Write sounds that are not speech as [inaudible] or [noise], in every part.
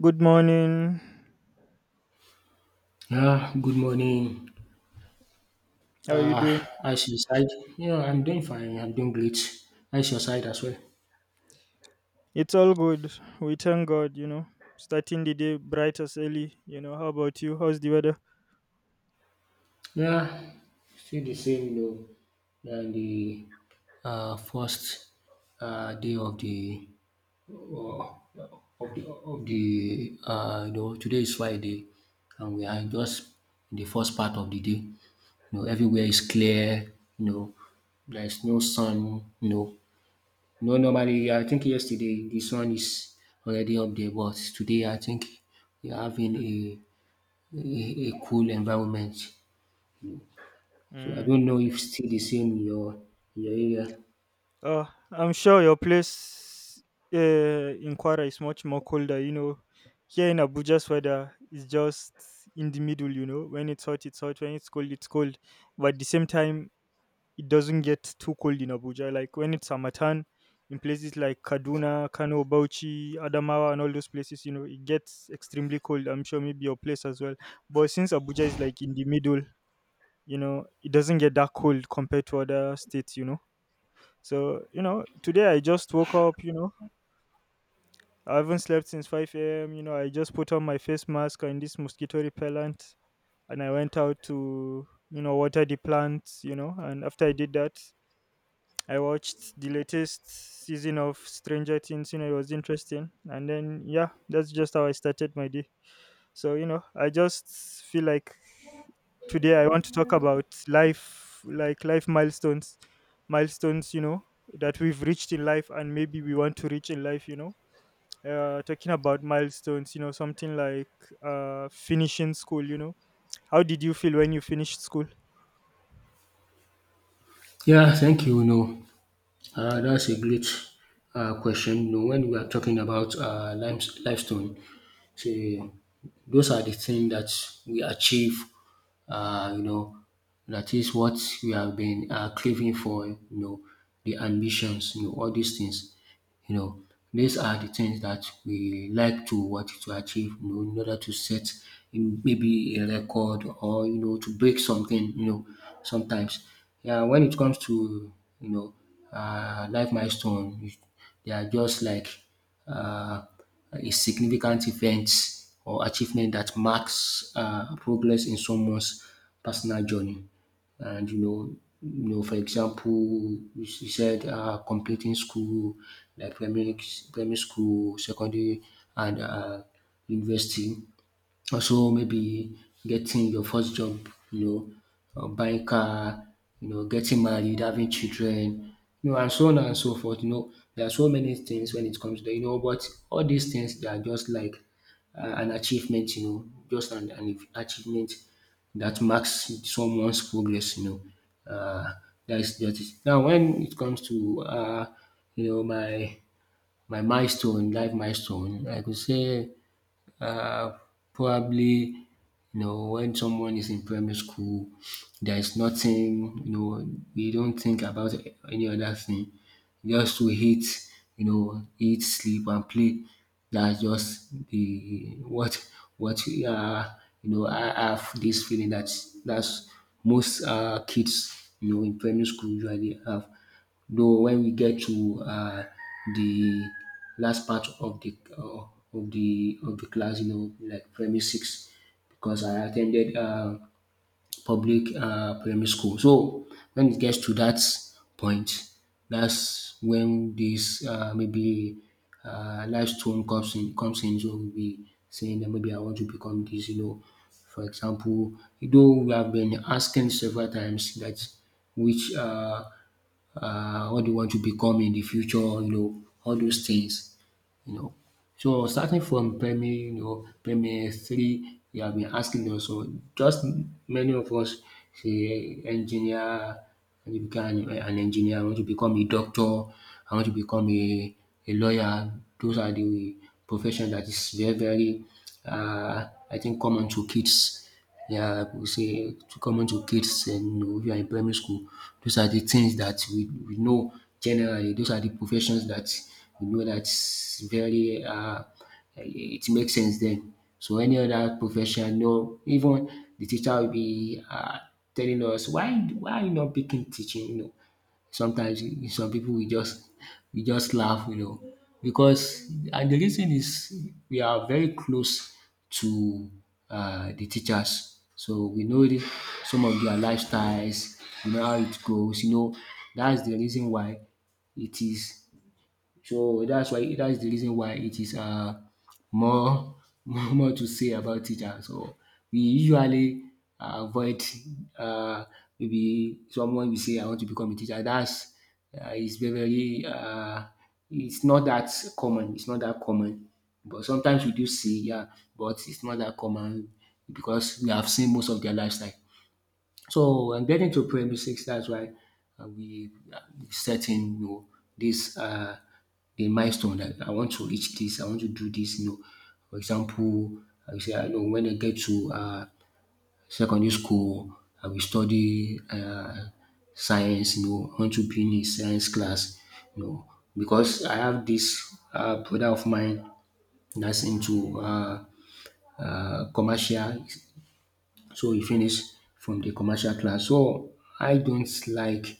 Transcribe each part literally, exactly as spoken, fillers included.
Good morning. Ah, good morning. How are you Uh, doing? how's your side? Yeah, I'm doing fine. I'm doing great. How's your side as well? It's all good. We thank God, you know. Starting the day bright as early, you know. How about you? How's the weather? Yeah, still the same, you know, than the uh, first uh, day of the uh, of the, of the uh, you know, today is Friday, and we are just in the first part of the day. You know, everywhere is clear. You know, there is no sun. You know, No, normally I think yesterday the sun is already up there, but today I think we're having a a, a cool environment. So I Mm. don't know if still the same in your in your area. Oh, I'm sure your place uh, in Kwara is much more colder, you know. Here in Abuja's weather is just in the middle, you know. When it's hot, it's hot. When it's cold, it's cold. But at the same time, it doesn't get too cold in Abuja. Like when it's Hamatan, in places like Kaduna, Kano, Bauchi, Adamawa, and all those places, you know, it gets extremely cold. I'm sure maybe your place as well. But since Abuja is like in the middle, you know, it doesn't get that cold compared to other states, you know. So, you know, today I just woke up, you know, I haven't slept since five a m. You know, I just put on my face mask and this mosquito repellent and I went out to, you know, water the plants, you know, and after I did that, I watched the latest season of Stranger Things, you know, it was interesting. And then, yeah, that's just how I started my day. So, you know, I just feel like today I want to talk about life, like life milestones, milestones, you know, that we've reached in life and maybe we want to reach in life, you know. Uh, talking about milestones, you know, something like uh, finishing school, you know. How did you feel when you finished school? Yeah, thank you. No, uh, that's a great uh, question. You know, when we are talking about uh, limes- limestone, so those are the things that we achieve. Uh, you know, that is what we have been uh, craving for. You know, the ambitions. You know, all these things. You know, these are the things that we like to want to achieve, you know, in order to set in maybe a record, or you know, to break something. You know, sometimes, yeah, when it comes to, you know, uh, life milestone, you- they are just like uh, a significant event or achievement that marks uh, progress in someone's personal journey. And you know, you know, for example, you s- you said uh, completing school, like primary, primary school, secondary, and uh, university. Also maybe getting your first job, you know, or buying car, you know, getting married, having children, you know, and so on and so forth. You know, there are so many things when it comes to that, you know, but all these things they are just like uh, an achievement, you know, just an, an achievement that marks someone's progress, you know. Uh, that is that is now when it comes to uh, you know, my my milestone, life milestone. I could say uh, probably, you know, when someone is in primary school, there is nothing, you know, we don't think about any other thing. Just to eat, you know, eat, sleep and play. That's just the what what we are, you know, I have this feeling that that's most uh, kids, you know, in primary school usually have. Though when we get to uh, the last part of the uh, of the of the class, you know, like primary six, because I attended uh, public um primary school. So when it gets to that point, that's when this um maybe um milestone comes in comes in. So we'll be saying that maybe I want to become this, you know. For example, though we have been asking several times that which um um what do you want to become in the future, you know, all those things, you know. So starting from primary, you know, primary three, we have been asking us. So just many of us say engineer. I want to become an engineer, I want to become a doctor, I want to become a, a lawyer. Those are the profession that is very, very, uh, I think, common to kids. Yeah, I would say to common to kids. And you know, if you are in primary school, those are the things that we, we know generally. Those are the professions that we know that's very, uh, it makes sense then. So any other profession, no, even the teacher will be uh, telling us why why are you not picking teaching? You know, sometimes you- some people we just we just laugh, you know, because, and the reason is we are very close to um the teachers, so we know the, some of their lifestyles, we know how it goes, you know. That is the reason why it is, so that's why that's the reason why it is, um more [laughs] more more to say about teacher. So we usually avoid, um maybe someone we say I want to become a teacher. That's um is very very, um it's not that common, it's not that common. But sometimes we do see, yeah, but it's not that common, because we have seen most of their lifestyle. So when getting to primary six, that's why uh, we uh, we setting, you know, this, uh, the milestone that I want to reach this, I want to do this. You know, for example, I say I know when I get to uh, secondary school, I will study uh, science. You know, I want to be in a science class. You know, because I have this uh, brother of mine that's into uh, uh, commercial, so he finished from the commercial class. So I don't like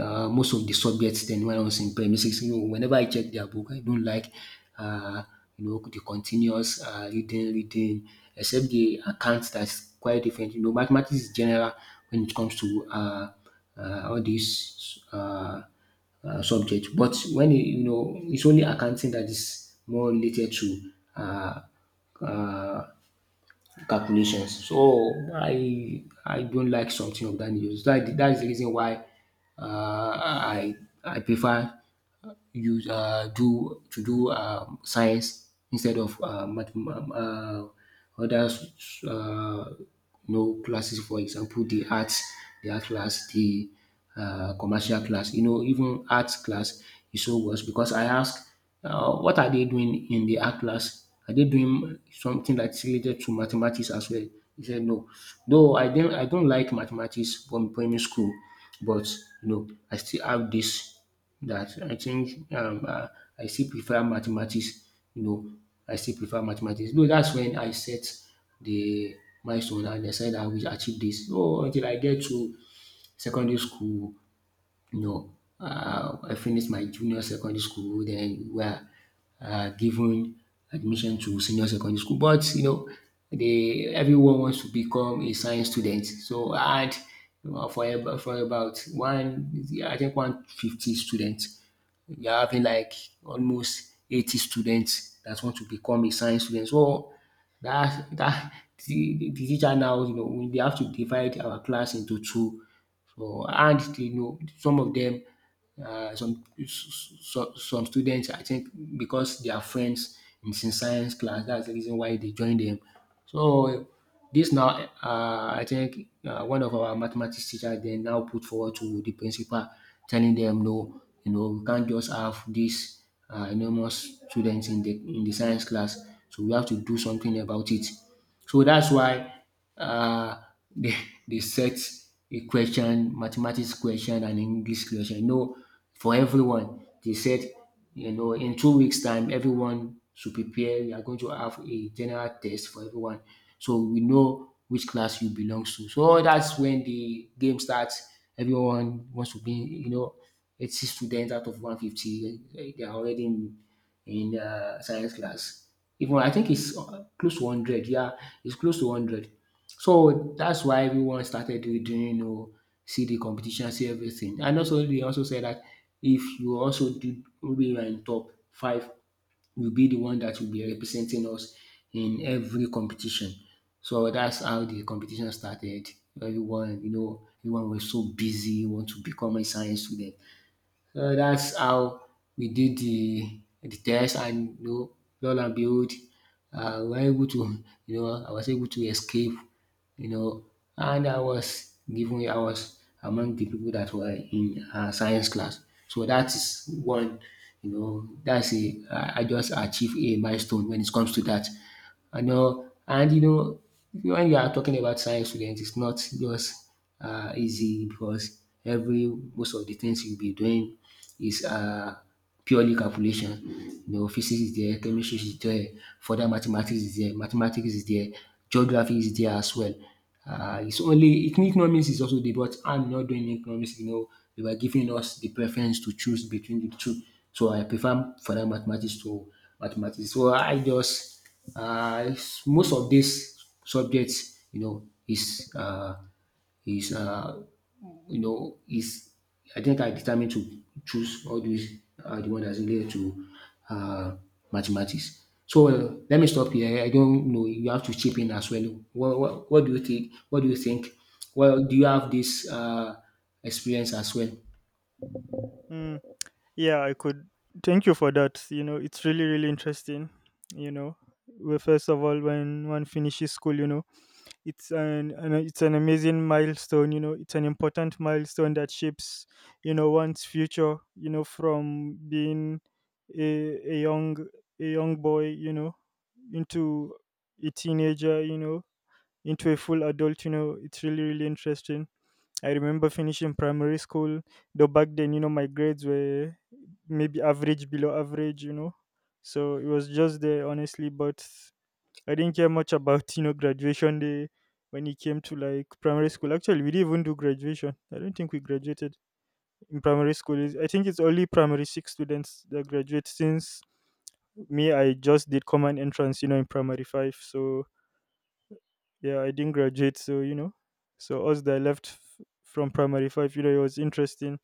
uh, most of the subjects then when I was in primary six. You know, whenever I check their book, I don't like, uh, you know, the continuous uh, reading, reading, except the accounts, that's quite different. You know, mathematics is general when it comes to uh, uh, all these uh, uh, subject. But when you you know, it's only accounting that is more related to uh, uh, calculations. So I I don't like something of that nature. So that that is the reason why uh, I I prefer use uh do to do um science instead of uh math, uh other uh you know, classes, for example, the arts, the art class, the uh commercial class, you know, even arts class is so worse. Because I ask, um what are they doing in the art class? Are they doing something that's related to mathematics as well? He said no. Though I didn't I don't like mathematics from primary school, but, you know, I still have this that I think, um uh, I still prefer mathematics, you know, I still prefer mathematics. No, that's when I set the milestone, and I said I will achieve this. Oh, until I get to secondary school. No, uh, I finished my junior secondary school, then we are uh, given admission to senior secondary school. But you know, they everyone wants to become a science student. So I had, uh, for about, for about one, I think one fifty students. You're having like almost eighty students that want to become a science student. So that that the, the teacher now, you know, we they have to divide our class into two. So and you know, some of them, uh, some some some students, I think because they are friends is in sin- science class, that's the reason why they join them. So this now, uh, I think uh, one of our mathematics teacher then now put forward to the principal, telling them, no, you know, we can't just have this um enormous students in the in the science class, so we have to do something about it. So that's why uh, they [laughs] they set a question, mathematics question and English question. You know, for everyone, they said, you know, in two weeks time everyone should prepare. We are going to have a general test for everyone, so we know which class you belongs to. So that's when the game starts. Everyone wants to be, you know, eighty students out of one hundred fifty, eh, they are already in, uh, science class. Even I think it's uh, close to hundred. Yeah, it's close to hundred. So that's why everyone started doing, doing, you know, see the competition, see everything. And also they also said that if you also do, maybe you are in top five, you'll be the one that will be representing us in every competition. So that's how the competition started. Everyone, you know, everyone was so busy, want to become a science student. So that's how we did the the test, and you know, lo and behold, uh, we were able to, you know, I was able to escape, you know, and I was given, I was among the people that were in, uh, science class. So that is one, you know, that's a, I I just achieved a milestone when it comes to that. And uh, and you know, when you are talking about science students, it's not just uh, easy, because every most of the things you'll be doing is, uh, purely calculation. You know, physics is there, chemistry is there, further mathematics is there, mathematics is there, geography is there as well. Uh, it's only economics is also there, but I'm not doing economics. You know, they were giving us the preference to choose between the two, so I prefer further mathematics to mathematics. So I just, uh, s- most of these subjects, you know, is uh, is uh, you know, is, I think I determined to choose all these uh, the one that's related to uh, mathematics. So uh, let me stop here. I don't know. You have to chip in as well. What, what, what do you think? What do you think? Well, do you have this uh, experience as well? Mm. Yeah, I could. Thank you for that. You know, it's really, really interesting. You know, well, first of all, when one finishes school, you know, it's an, an it's an amazing milestone. You know, it's an important milestone that shapes, you know, one's future. You know, from being a a young a young boy, you know, into a teenager, you know, into a full adult. You know, it's really, really interesting. I remember finishing primary school, though back then, you know, my grades were maybe average, below average, you know. So it was just there, honestly, but I didn't care much about, you know, graduation day when it came to like primary school. Actually, we didn't even do graduation. I don't think we graduated in primary school. Is I think it's only primary six students that graduate. Since me, I just did common entrance, you know, in primary five. So yeah, I didn't graduate. So, you know, so us that left f- from primary five, you know, it was interesting.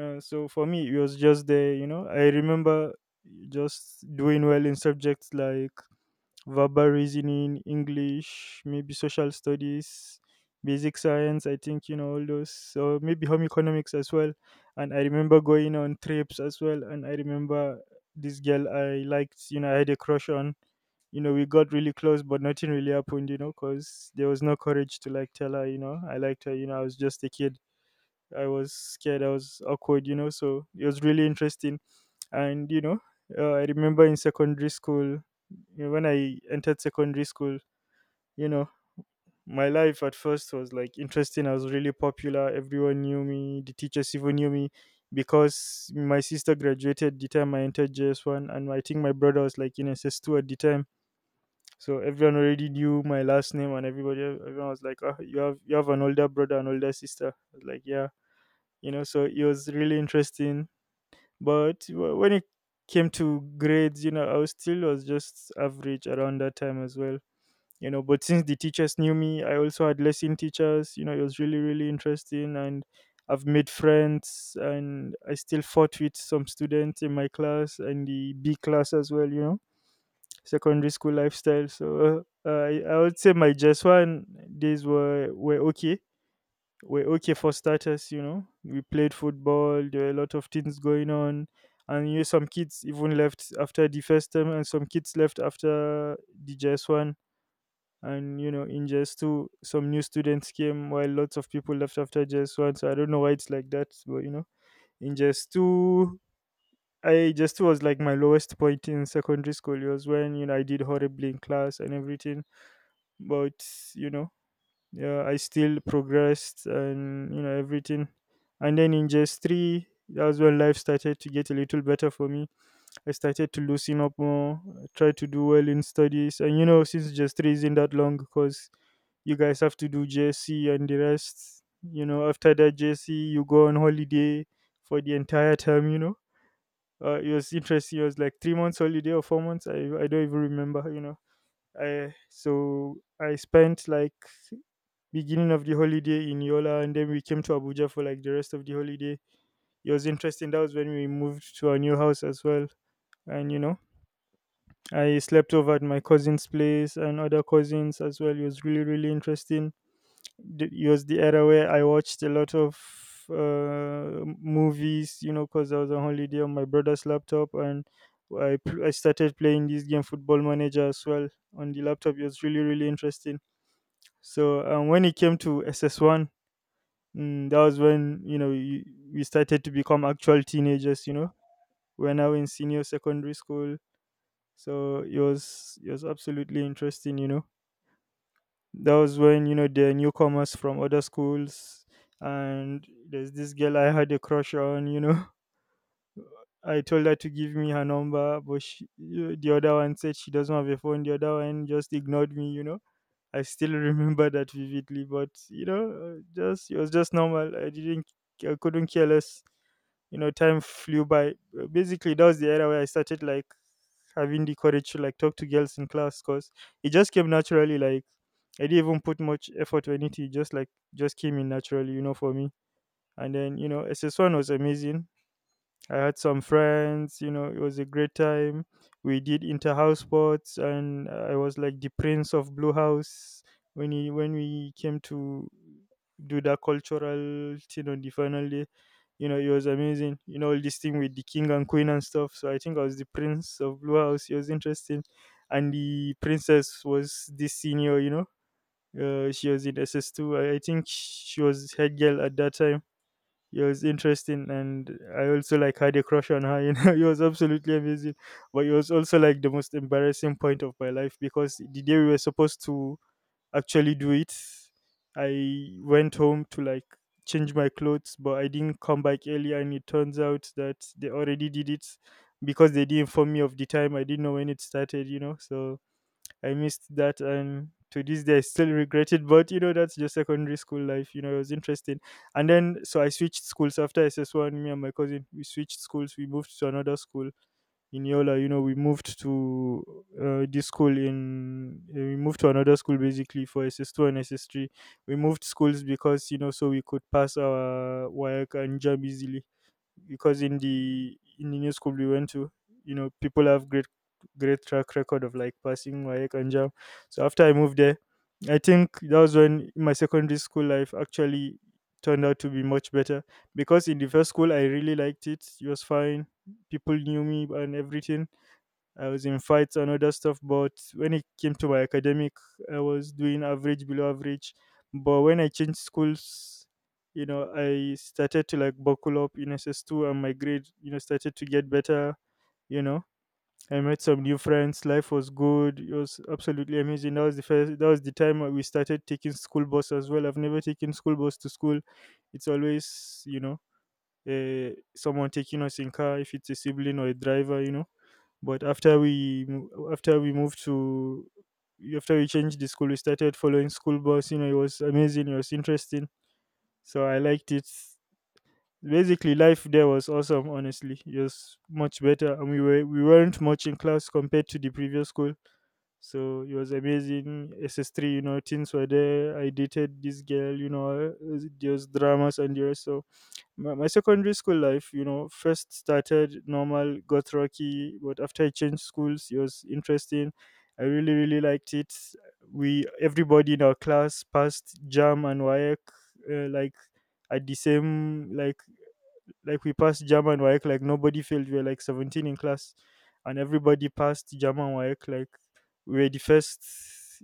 uh, So for me, it was just there, you know. I remember just doing well in subjects like verbal reasoning, English, maybe social studies, basic science, I think, you know, all those, or maybe home economics as well. And I remember going on trips as well. And I remember this girl I liked, you know, I had a crush on. You know, we got really close, but nothing really happened, you know, because there was no courage to like tell her, you know, I liked her, you know, i was just a kid. I was scared. I was awkward, you know. So it was really interesting. And you know, uh, I remember in secondary school, you know, when I entered secondary school, you know, my life at first was like interesting. I was really popular. Everyone knew me. The teachers even knew me because my sister graduated the time I entered J S one, and I think my brother was like in S S two at the time. So everyone already knew my last name, and everybody, everyone was like, "Ah, you have you have an older brother, an older sister." I was like, "Yeah." you know so it was really interesting, but wh- when it came to grades you know I was still was just average around that time as well, you know But since the teachers knew me, I also had lesson teachers, you know It was really, really interesting, and I've made friends, and I still fought with some students in my class and the B class as well you know secondary school lifestyle. So uh, I, I would say my just one days were were okay were okay for starters, you know. We played football, there were a lot of things going on. And you know, some kids even left after the first term, and some kids left after the J S one, and you know in J S two some new students came, while lots of people left after J S one. So I don't know why it's like that, but you know in J S two, I J S two was like my lowest point in secondary school. It was when you know I did horribly in class and everything, but you know, yeah, I still progressed, and you know everything. And then in gs three, that was when life started to get a little better for me. I started to loosen up more, try to do well in studies. And you know, since gs three isn't that long, because you guys have to do J S C and the rest. You know, after that J S C, you go on holiday for the entire term. You know, uh, it was interesting. It was like three months holiday or four months. I I don't even remember. You know, I so I spent like beginning of the holiday in Yola, and then we came to Abuja for like the rest of the holiday. It was interesting. That was when we moved to our new house as well. And you know, I slept over at my cousin's place and other cousins as well. It was really, really interesting. Th- It was the era where I watched a lot of uh, movies, you know, because I was on holiday on my brother's laptop. And I, pl- I started playing this game, Football Manager, as well on the laptop. It was really, really interesting. So um, when it came to S S one, Mm, that was when you know you, we started to become actual teenagers. You know, we're now in senior secondary school, so it was it was absolutely interesting. You know, that was when you know the newcomers from other schools, and there's this girl I had a crush on. You know, [laughs] I told her to give me her number, but she, the other one said she doesn't have a phone. The other one just ignored me. You know, I still remember that vividly, but you know, uh, just it was just normal. I didn't, I couldn't care less. You know, time flew by. Uh, Basically, that was the era where I started like having the courage to like talk to girls in class, cause it just came naturally. Like I didn't even put much effort or anything. It just like just came in naturally, you know, for me. And then you know, S S One was amazing. I had some friends, you know, it was a great time. We did inter-house sports, and I was like the prince of Blue House when he, when we came to do that cultural thing on the final day. You know, it was amazing. You know, all this thing with the king and queen and stuff. So I think I was the prince of Blue House. It was interesting. And the princess was this senior, you know. Uh, she was in S S two. I, I think she was head girl at that time. It was interesting, and I also like had a crush on her, you know. [laughs] It was absolutely amazing, but it was also like the most embarrassing point of my life, because the day we were supposed to actually do it, I went home to like change my clothes, but I didn't come back early, and it turns out that they already did it, because they didn't inform me of the time. I didn't know when it started, you know. So I missed that, and to this day I still regret it. But you know, that's just secondary school life. You know, it was interesting. And then, so I switched schools after S S One. Me and my cousin, we switched schools. We moved to another school in Yola. You know, we moved to uh, this school in uh, we moved to another school basically for S S Two and S S Three. We moved schools because you know, so we could pass our work and job easily, because in the in the new school we went to, you know, people have great great track record of like passing WAEC and JAM. So after I moved there, I think that was when my secondary school life actually turned out to be much better. Because in the first school, I really liked it. It was fine. People knew me and everything. I was in fights and other stuff. But when it came to my academic, I was doing average, below average. But when I changed schools, you know, I started to like buckle up in S S two, and my grade, you know, started to get better. You know, I met some new friends. Life was good. It was absolutely amazing. That was the first, that was the time we started taking school bus as well. I've never taken school bus to school. It's always, you know, uh, someone taking us in car if it's a sibling or a driver. You know but after we mo- after we moved to, after we changed the school, we started following school bus. You know it was amazing, it was interesting, so I liked it. Basically life there was awesome, honestly. It was much better, and we were we weren't much in class compared to the previous school. So it was amazing. S S three, you know, things were there. I dated this girl, you know. Uh, there was dramas and the rest. So my, my secondary school life, you know, first started normal, got rocky, but after I changed schools it was interesting. I really really liked it. We Everybody in our class passed jam and wayek. Uh, like at the same like like We passed German W A E C, like nobody failed. We were like seventeen in class, and everybody passed German W A E C. Like we were the first,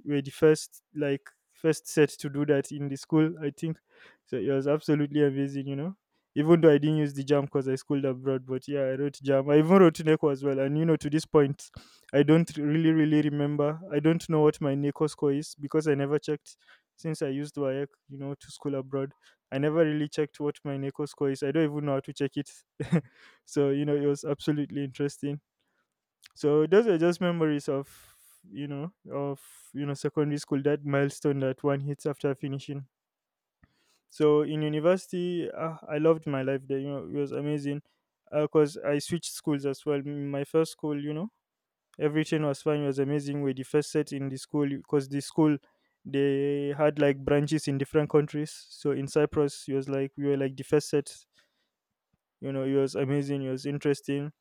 we were the first, like first set to do that in the school, I think so. It was absolutely amazing, you know. Even though I didn't use the jam because I schooled abroad, but yeah, I wrote jam. I even wrote Neko as well. And you know, to this point, I don't really, really remember. I don't know what my Neko score is because I never checked, since I used W A E C, you know, to school abroad. I never really checked what my NECO score is. I don't even know how to check it. [laughs] So, you know, it was absolutely interesting. So those are just memories of, you know, of you know, secondary school, that milestone that one hits after finishing. So in university, uh, I loved my life there, you know, it was amazing, because I switched schools as well. M- My first school, you know, everything was fine, it was amazing. We're the first set in the school because the school, they had like branches in different countries. So in Cyprus, it was like we were like the first set. You know, he was amazing, he was interesting,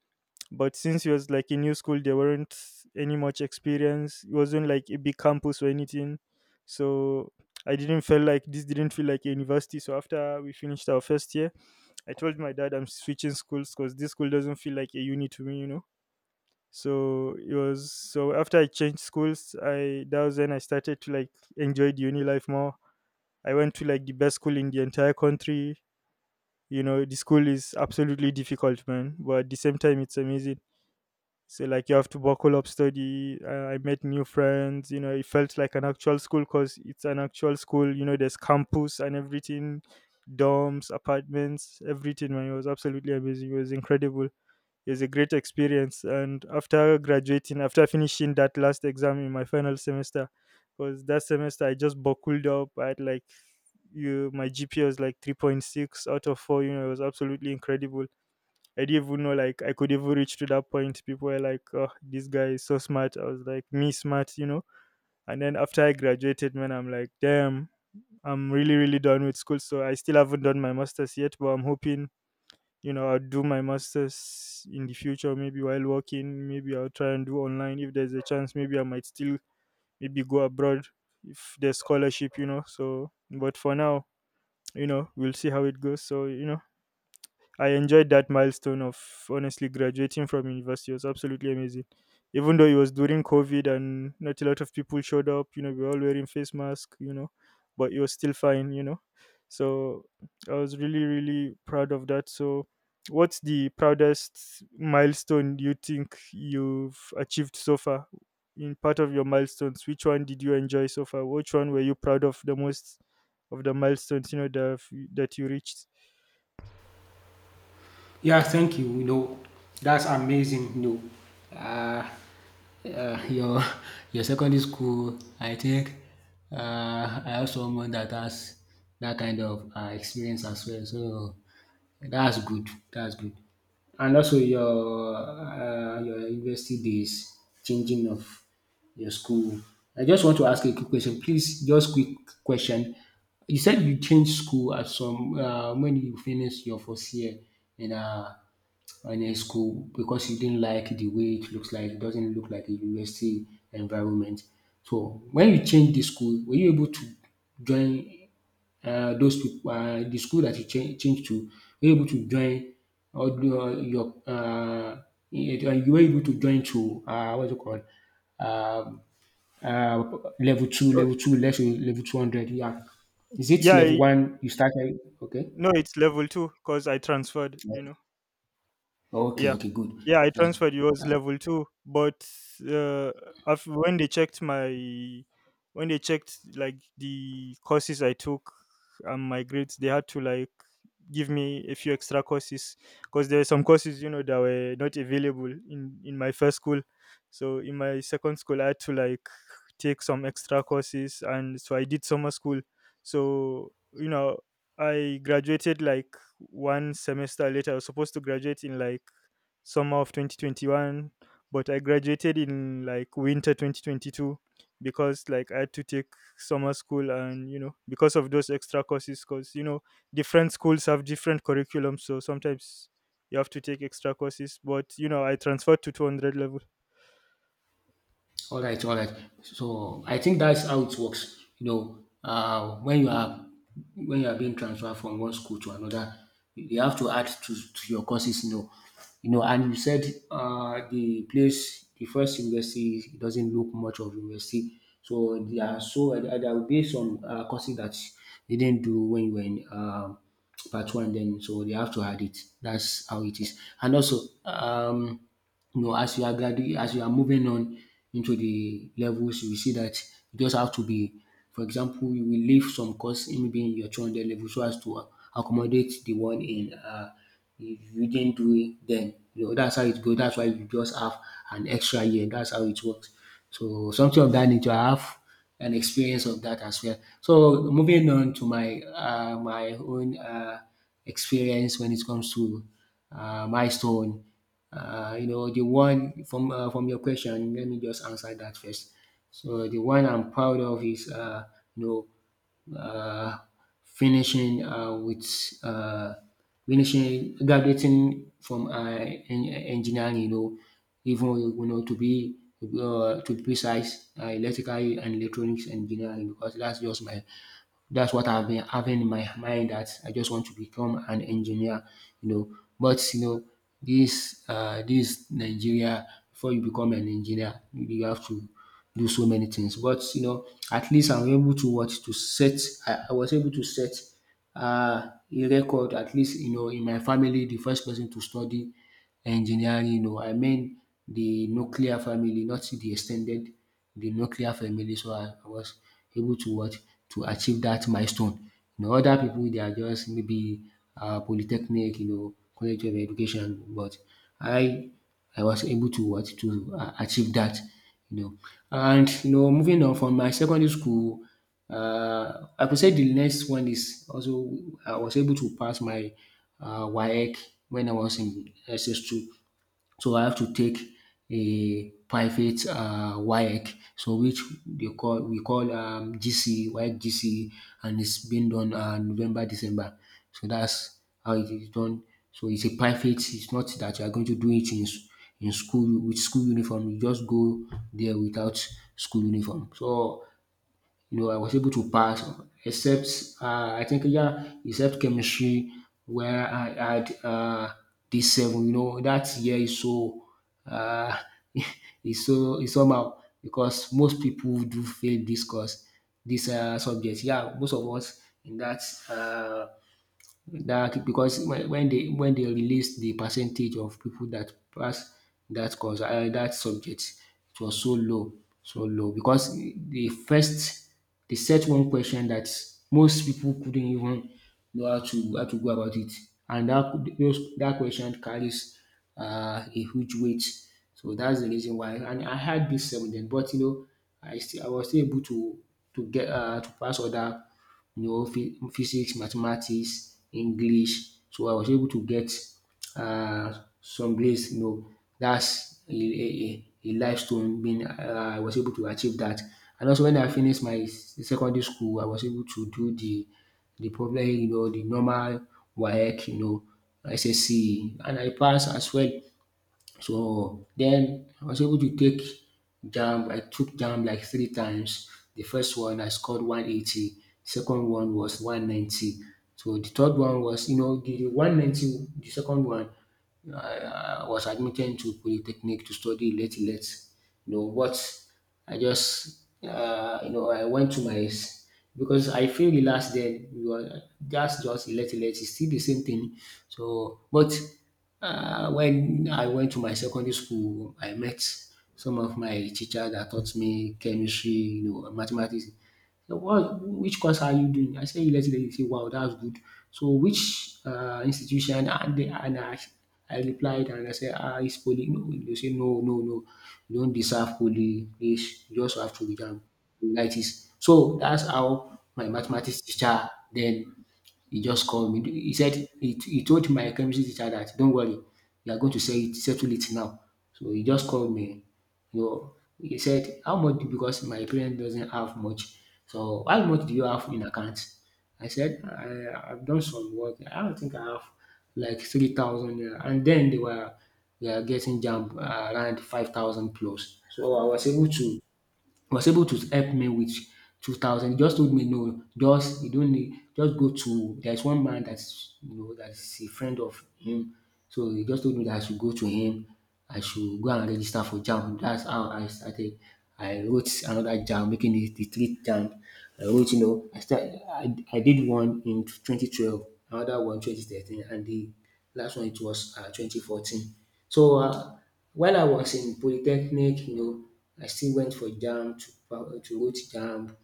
but since he was like in new school, there weren't any much experience. It wasn't like a big campus or anything. So I didn't feel like this didn't feel like a university. So after we finished our first year, I told my dad I'm switching schools because this school doesn't feel like a uni to me, you know. So it was, so after I changed schools, I that was when I started to like enjoy the uni life more. I went to like the best school in the entire country. You know, the school is absolutely difficult, man, but at the same time, it's amazing. So like, you have to buckle up, study. Uh, I met new friends. You know, it felt like an actual school because it's an actual school. You know, there's campus and everything, dorms, apartments, everything, man. It was absolutely amazing, it was incredible, it was a great experience. And after graduating, after finishing that last exam in my final semester, because that semester I just buckled up, I had like, you, my G P A was like three point six out of four. You know, it was absolutely incredible. I didn't even know like I could even reach to that point. People were like, "Oh, this guy is so smart." I was like, "Me, smart," you know. And then after I graduated, man, I'm like, "Damn, I'm really really done with school." So I still haven't done my masters yet, but I'm hoping, you know, I'll do my masters in the future, maybe while working. Maybe I'll try and do online if there's a chance. Maybe I might still maybe go abroad if there's scholarship, you know. So but for now, you know we'll see how it goes. So you know I enjoyed that milestone of, honestly, graduating from university. It was absolutely amazing. Even though it was during COVID and not a lot of people showed up, you know, we were all wearing face masks, you know, but it was still fine, you know. So I was really, really proud of that. So what's the proudest milestone you think you've achieved so far, in part of your milestones? Which one did you enjoy so far? Which one were you proud of the most? Of the milestones, you know, the, f- that you reached. Yeah, thank you. You know, that's amazing. You know, uh, uh, your your secondary school, I think, uh, I have someone that has that kind of uh, experience as well. So that's good. That's good. And also your uh, your university days, changing of your school. I just want to ask you a quick question, please. Just quick question. You said you changed school at some, uh, when you finished your first year in uh, in a school because you didn't like the way it looks like. It doesn't look like a university environment. So when you change the school, were you able to join, Uh, those people. um the school that you change change to, were you able to join all tho your, uh, you you were able to join to, uh, what's it called, um uh, level two So, level two less level two hundred? Yeah. Is it yeah level I, one you started? Okay. no, it's level two because I transferred, you know. Okay, Yeah, okay good. yeah, I transferred. It was Yeah. level two, but uh, af when they checked my, when they checked like the courses I took and my grades, they had to like give me a few extra courses because there were some courses, you know, that were not available in in my first school. So in my second school, I had to like take some extra courses, and so I did summer school. So you know, I graduated like one semester later. I was supposed to graduate in like summer of twenty twenty-one, but I graduated in like winter twenty twenty-two, because like I had to take summer school, and you know, because of those extra courses, because you know, different schools have different curriculums, so sometimes you have to take extra courses. But you know, I transferred to two hundred level. All right, all right. So I think that's how it works. You know, uh, when you are when you are being transferred from one school to another, you have to add, to, to your courses. You know, you know, and you said, uh, the place, the first university it doesn't look much of university. So there are so, uh, there will be some, uh, courses that they didn't do when you were in, uh, part one. Then so they have to add it. That's how it is. And also, um, you know, as you are, gradu as you are moving on into the levels, you will see that you just have to be. For example, you will leave some course in, maybe in your two hundred level so as to accommodate the one in, um if you didn't do it then. You know, that's how it go. That's why you just have an extra year. That's how it works. So something of that nature. I have an experience of that as well. So moving on to my um my own, um experience when it comes to, uh, milestone. Uh, you know, the one from, uh, from your question, let me just answer that first. So the one I'm proud of is, uh, you know uh, finishing, uh, with uh, finishing graduating from, uh, en- engineering. You know, even, you know, to be, uh, to be precise, uh, electrical and electronics engineering, because that's just my that's what I've been having in my mind, that I just want to become an engineer, you know. But you know, this, uh, this Nigeria, before you become an engineer, you you have to do so many things. But you know, at least I'm able to what to set. I, I was able to set, uh, a record. At least you know, in my family, the first person to study engineering. You know, I mean the nuclear family, not the extended, the nuclear family. So I I was able to what? To achieve that milestone. You know, other people they are just maybe, uh, polytechnic, you know, college of education, but I I was able to what? To, uh, achieve that, you know. And you know moving on from my secondary school, uh, I could say the next one is also I was able to pass my, uh, WAEC when I was in S S two, so I have to take a private, uh, WAEC, so which they call we call, um, G C E, WAEC G C E, and it's been done, uh, November, December. So that's how it is done. So it's a private. It's not that you are going to do it in, s- in school with school uniform. You just go there without school uniform. So you know, I was able to pass, except, uh, I think yeah, except chemistry, where I had, uh, D seven. You know, that year is so, uh, [laughs] it's so it's somehow, because most people do fail this course, this, uh, subject. Yeah, most of us in that, uh, that because, when when they when they released the percentage of people that pass that course, um that subject, it was so low, so low, because the first they set one question that most people couldn't even know how to how to go about it, and that could- those that question carries, uh, a huge weight. So that's the reason why. And I had this seven then, but you know, I still I was still able to, to get, uh, to pass other, you know, phy- physics, mathematics, English. So I was able to get, um some grades, you know. That's a a a a milestone, being, uh, I was able to achieve that. And also when I finish my, s- secondary school, I was able to do the the problem, you know, the normal WAEC, you know, S S C E, and I pass as well. So then I was able to take jump. I took jump like three times. The first one I scored one eighty. Second one was one ninety. So the third one was, you know, the one ninety, the second one, you know, I, I was admitted to polytechnic to study late, late. You know, but I just, uh, you know, I went to my, s- because I failed the last then. You are just, just late, late. It's still the same thing. So, but, uh, when I went to my secondary school, I met some of my teacher that taught me chemistry, you know, mathematics. So what which course are you doing? I say university. He say wow, that's good. So which, um institution? And they, and I I replied, and I say ah, it's poly. No. They say no, no, no, you don't deserve poly, please, you just have to read am. So that's how my mathematics teacher then, he just called me. He said, he he told my chemistry teacher that don't worry, we are going to, se- settle it now. So he just called me. You know, he said, how much? Because my parents doesn't have much. So how much do you have in account? I said, I, I've done some work. I don't think I have like three thousand. And then they were they are getting jump around five thousand plus. So I was able to, was able to help me with two thousand. He just told me no, just you don't need, just go to, there's one man that's, you know, that's a friend of him. So he just told me that I should go to him. I should go and register for JAMB. That's how I started. I wrote another JAMB, making it the three JAMB. I wrote, you know, I started, I, I did one in twenty twelve, another one twenty thirteen, and the last one it was, uh twenty fourteen. So, uh, while I was in polytechnic, you know, I still went for JAMB to, pa- to wrote JAMB.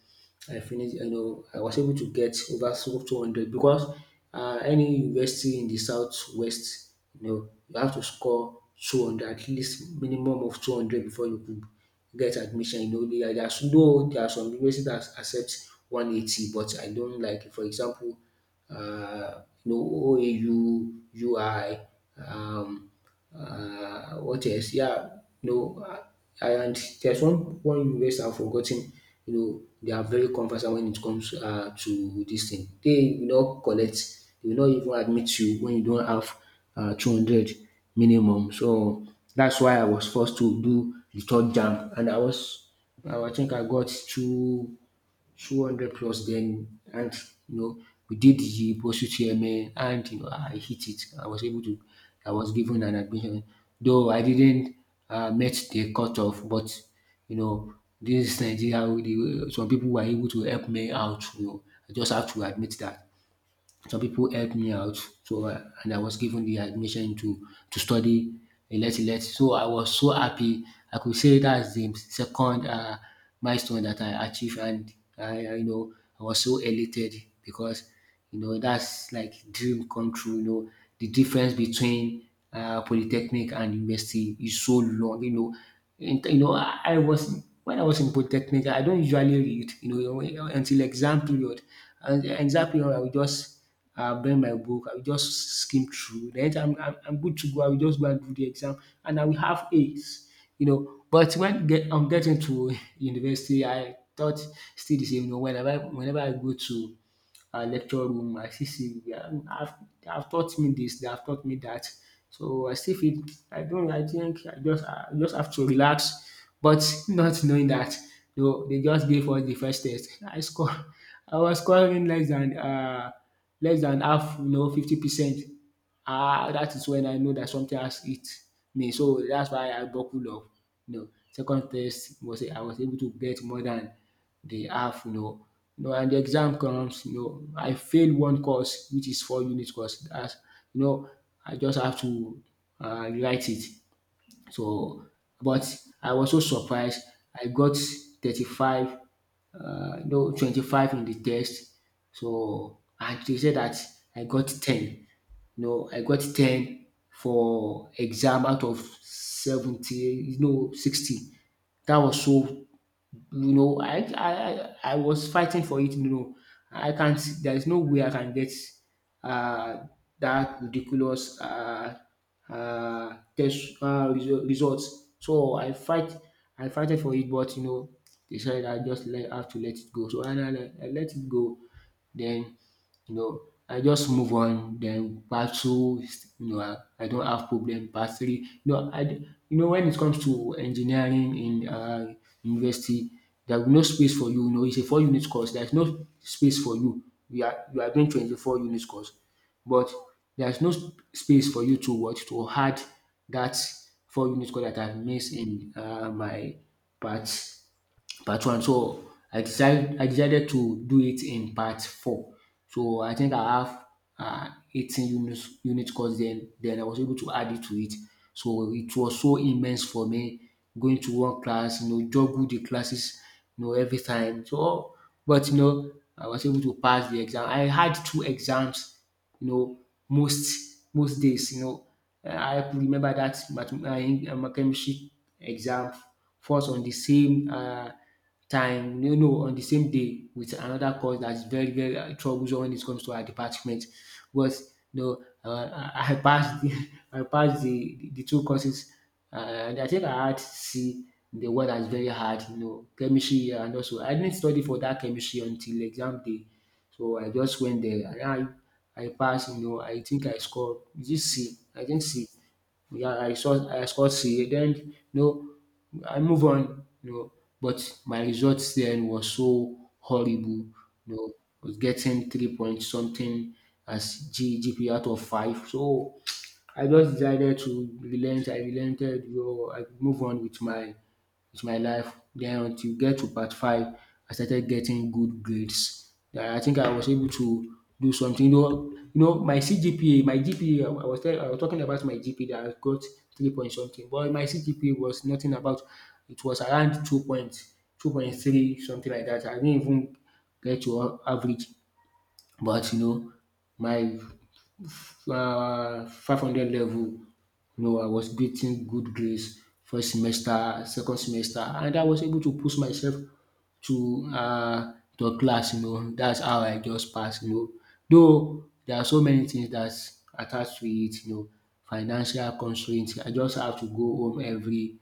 I finished, you know, I was able to get over so two hundred, because, uh, any university in the southwest, you know, you have to score two hundred, at least minimum of two hundred before you could get admission. You know, there are, there's- though there are some universities that accept one eighty, but I don't like it. For example, uh, you know, O A U, um, uh, what else? Yeah, no. uh, and there's one one university I've forgotten. You know, they are very conversant when it comes, uh, to this thing. They will not collect, they will not even admit you when you don't have, uh, two hundred minimum. So that's why I was forced to do the third jam, and, I was, I think I got two 200 plus then, and you know we did the post chairman, and you know I hit it. I was able to I was given an admission, though I didn't, uh, met the cutoff, but you know this Nigeria we dey, some people were able to help me out, you know, I just have to admit that some people helped me out. So I- and I was given the admission to, to study, elect elect. So I was so happy. I could say that's the second, um milestone that I achieved. And I I, you know, I was so elated, because you know that's like dream come true. You know the difference between, um polytechnic and university is so long. You know in, you know, I, I was, when I was in polytechnic I don't usually read, you know, until exam period. And the exam period I will just I'll bring my book, I will just skim through. Then I'm I'm I'm good to go. I will just go and do the exam, and I will have A's, you know. But when, get I'm getting to [laughs] university, I thought still the same. You know, whenever whenever I go to, uh, lecture room. I still see, they have, have they have taught me this, they have taught me that. So I still feel I don't. I think I just I just have to relax, but not knowing that no, they just gave us the first test. I score. I was scoring less than uh less than half, you know, fifty percent. Ah, that is when I know that something has hit me. So that's why I buckle up. You know, second test was I was able to get more than they have, no, know. You know, and the exam comes, you know, I failed one course, which is four unit course. That's, you know, I just have to uh, write it. So, but I was so surprised. I got thirty-five, uh, no, twenty-five in the test. So, and they said that I got ten. No, I got ten for exam out of seventy, no, sixty. That was so you know, I I I I was fighting for it. You know, I can't. There is no way I can get uh, that ridiculous uh, uh, test uh, result, results. So I fight. I fighted for it, but you know, they said I just let, have to let it go. So and I, I let it go. Then you know, I just move on. Then part two, is, you know, I, I don't have problem. Part three, you know, I, d- you know, when it comes to engineering in uh, university, there's no space for you. You know, it's a four unit course. There's no space for you. You are you are doing twenty-four unit course, but there's no sp- space for you to what to add that four unit course that I missed in uh, my part part one. So I decided I decided to do it in part four. So I think I have uh, eighteen units unit course then then I was able to add it to it. So it was so immense for me going to one class, you know, juggle the classes, you know, every time. So but you know, I was able to pass the exam. I had two exams you know, most most days, you know. Uh, I remember that math- uh, my chemistry exam falls on the same uh, time, you know, on the same day with another course that's very, very uh, troublesome when it comes to our department. But, you know, uh, I I passed the, [laughs] I passed the, the, the two courses, uh, and I think I had C in the one that's very hard, you know, chemistry and also I didn't study for that chemistry until exam day. So I just went there and I I passed, you know, I think I scored is it C? I think C. Yeah, I saw I scored C then you know I move on, you know, but my results then was so horrible, you know, I was getting three point something as G G P out of five. So I just decided to relent, I relented, you know, I move on with my with my life. Then until get to part five, I started getting good grades. Then I think I was able to do something. You know, you know my C G P A, my G P A, I was tell, I was talking about my G P A that I got three point something, but my C G P A was nothing about. It was around two point two point three something like that. I didn't even get to a- average, but you know my um five hundred level No, I was getting good grades first semester, second semester, and I was able to push myself to um to class, you know. That's how I just pass, you know. Though there are so many things that's attached to it, you know, financial constraint. I just have to go home every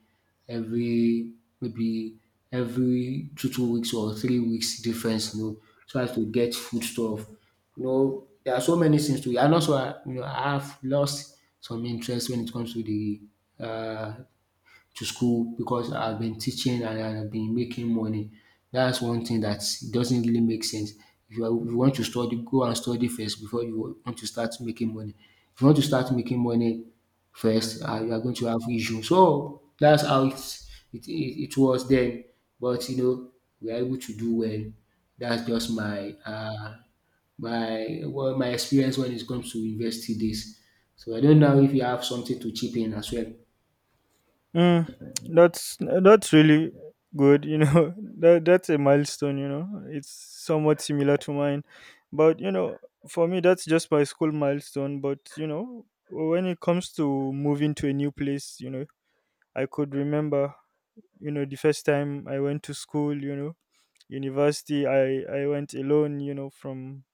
every maybe every two two weeks or three weeks difference, you know, so as to get foodstuff. You know, there are so many things to it and also I you know, I have lost some interest when it comes to the uh, to school because I've been teaching and I've been making money. That's one thing that doesn't really make sense. If you, are, if you want to study, go and study first before you want to start making money. If you want to start making money first, uh, you are going to have issues. So that's how it, it, it, it was then. But you know, we are able to do well. That's just my uh, by well my experience when it comes to university days. So I don't know if you have something to chip in as well. Mm, that's that's really good. You know, [laughs] that that's a milestone. You know, it's somewhat similar to mine, but you know, for me, that's just my school milestone. But you know, when it comes to moving to a new place, you know, I could remember, you know, the first time I went to school, you know, university. I I went alone, you know. From,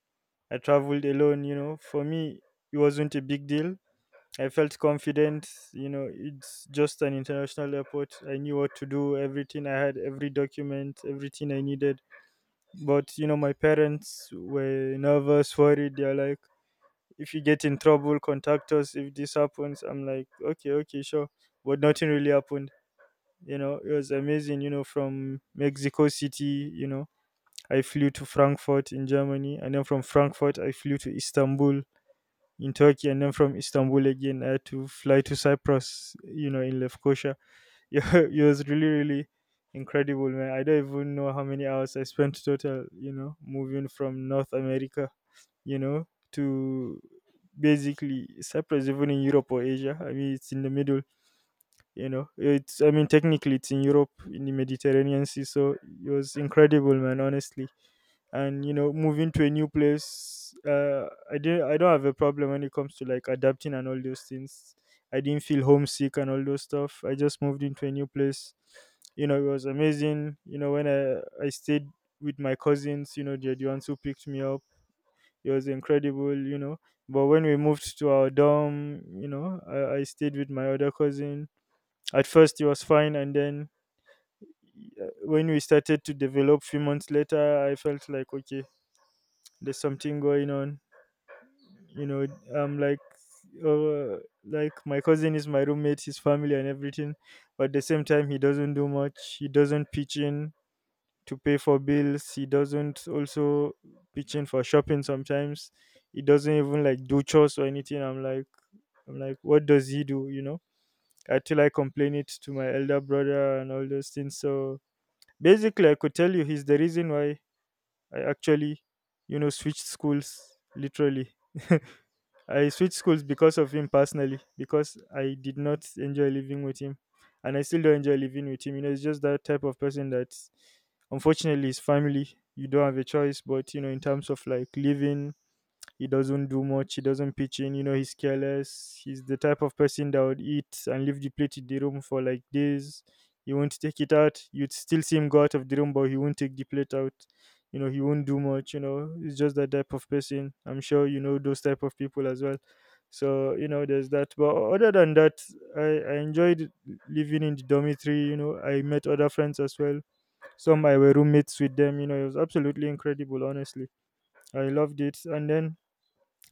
I traveled alone, you know. For me, it wasn't a big deal, I felt confident. You know, it's just an international airport. I knew what to do, everything. I had every document, everything I needed. But you know, my parents were nervous, worried. They're like, if you get in trouble, contact us. If this happens, I'm like, okay, okay, sure. But nothing really happened. You know, it was amazing. You know, from Mexico City, you know, I flew to Frankfurt in Germany. And then from Frankfurt, I flew to Istanbul in Turkey, and then from Istanbul again, I had to fly to Cyprus, you know, in Lefkoşa. [laughs] Yeah, it was really, really incredible, man. I don't even know how many hours I spent total, you know, moving from North America, you know, to basically Cyprus. Even in Europe or Asia, I mean, it's in the middle, you know. It's, I mean, technically, it's in Europe, in the Mediterranean Sea, so it was incredible, man, honestly. And you know, moving to a new place, uh i did I don't have a problem when it comes to like adapting and all those things. I didn't feel homesick and all those stuff. I just moved into a new place, you know. It was amazing. You know, when i I stayed with my cousins, you know, they're the ones who picked me up. It was incredible, you know. But when we moved to our dorm, you know, i, I stayed with my other cousin. At first it was fine, and then uh, when we started to develop few months later, I felt like, okay, there's something going on, you know. I'm like, uh, like my cousin is my roommate, his family and everything, but at the same time he doesn't do much, he doesn't pitch in to pay for bills, he doesn't also pitch in for shopping sometimes, he doesn't even like do chores or anything. I'm like, i'm like what does he do, you know? Until I complain it to my elder brother and all those things. So basically, I could tell you he's the reason why I actually, you know, switched schools. Literally, I switched schools because of him personally, because I did not enjoy living with him. And I still don't enjoy living with him. You know, it's just that type of person that, unfortunately, is family, you don't have a choice. But you know, in terms of like living, he doesn't do much, he doesn't pitch in. You know, he's careless. He's the type of person that would eat and leave the plate in the room for like days. He won't take it out. You'd still see him go out of the room, but he won't take the plate out. You know, he won't do much. You know, he's just that type of person. I'm sure you know those type of people as well. So you know, there's that. But other than that, I, I enjoyed living in the dormitory. You know, I met other friends as well. Some I were roommates with them. You know, it was absolutely incredible. Honestly, I loved it. And then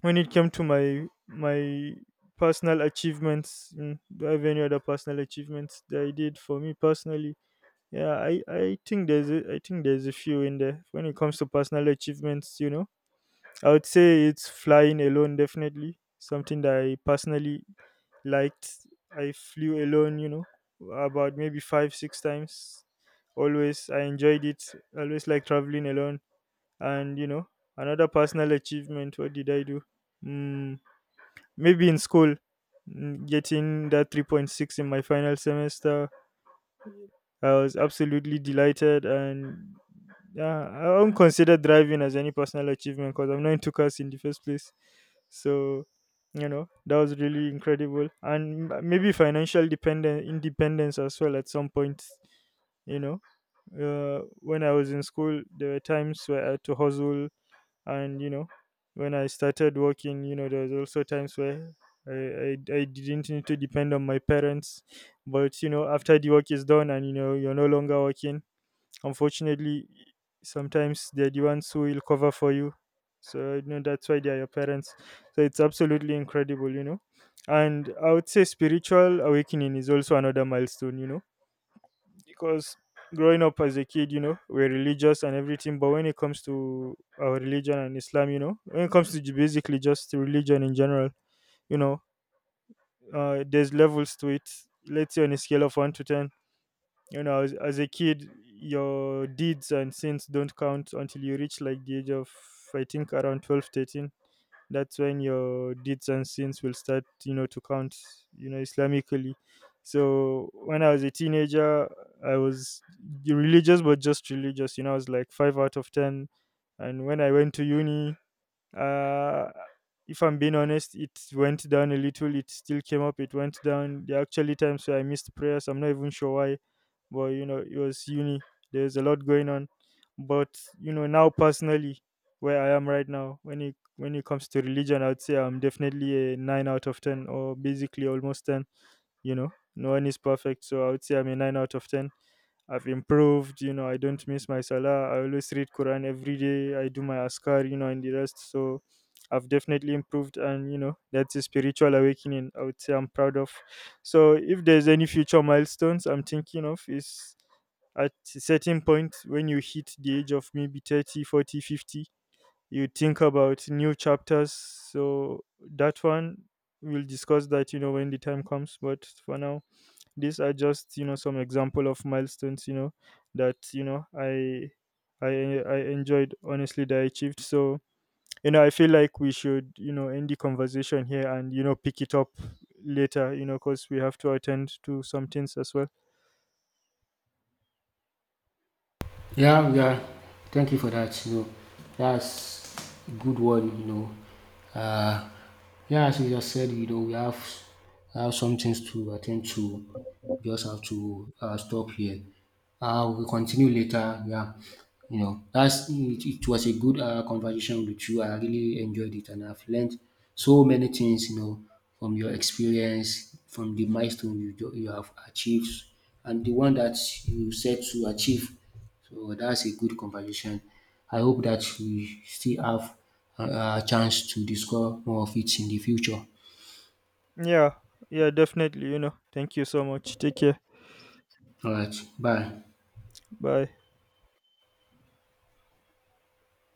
when it came to my my personal achievements, mm, do I have any other personal achievements that I did for me personally? Yeah, i i think there's a, i think there's a few in there when it comes to personal achievements. You know, I would say it's flying alone, definitely something that I personally liked. I flew alone, you know, about maybe five six times. Always I enjoyed it, always like traveling alone. And you know, another personal achievement, what did I do? Hmm. Maybe in school, mm, getting that three point six in my final semester, I was absolutely delighted. And yeah, I don't consider driving as any personal achievement because I'm not into cars in the first place. So, you know, that was really incredible. And m- maybe financial dependent independence as well at some point. You know, uh, when I was in school there were times where I had to hustle. And you know, when I started working, you know, there was also times where I, I, I didn't need to depend on my parents. But you know, after the work is done and you know, you're no longer working, unfortunately, sometimes they're the ones who will cover for you. So you know, that's why they're your parents. So it's absolutely incredible, you know. And I would say spiritual awakening is also another milestone, you know, because growing up as a kid, you know, we're religious and everything. But when it comes to our religion and Islam, you know, when it comes to ju- basically just to religion in general, you know, uh, there's levels to it. Let's say on a scale of one to ten, you know, as, as a kid, your deeds and sins don't count until you reach like the age of, I think, around twelve, thirteen. That's when your deeds and sins will start, you know, to count, you know, islamically. So when I was a teenager, I was religious but just religious, you know, I was like five out of ten. And when I went to uni, uh if I'm being honest, it went down a little. It still came up, it went down. There are actually times where I missed prayers, I'm not even sure why. But you know, it was uni, there's a lot going on. But you know, now personally, where I am right now, when it when it comes to religion, I'd say I'm definitely a nine out of ten, or basically almost ten, you know. No one is perfect, so I would say I'm a nine out of ten. I've improved, you know, I don't miss my salah. I always read Quran every day. I do my askar, you know, and the rest. So I've definitely improved, and you know, that's a spiritual awakening I would say I'm proud of. So if there's any future milestones I'm thinking of is at a certain point when you hit the age of maybe thirty forty fifty, you think about new chapters. So that one, we'll discuss that, you know, when the time comes. But for now, these are just, you know, some example of milestones, you know, that you know I I I enjoyed, honestly, that I achieved. So you know, I feel like we should, you know, end the conversation here and, you know, pick it up later. You know, because we have to attend to some things as well. Yeah, yeah. Thank you for that. You know, that's a good one. You know, uh, yeah. As you just said, you know, we have have some things to attend to. Just have to uh, stop here. Uh, we'll continue later. Yeah, you know, that's it, it was a good uh, conversation with you. I really enjoyed it, and I've learned so many things. You know, from your experience, from the milestone you do- you have achieved, and the one that you set to achieve. So that's a good conversation. I hope that we still have a a chance to discuss more of it in the future. Yeah, yeah, definitely. You know, thank you so much. Take care. All right, bye. Bye.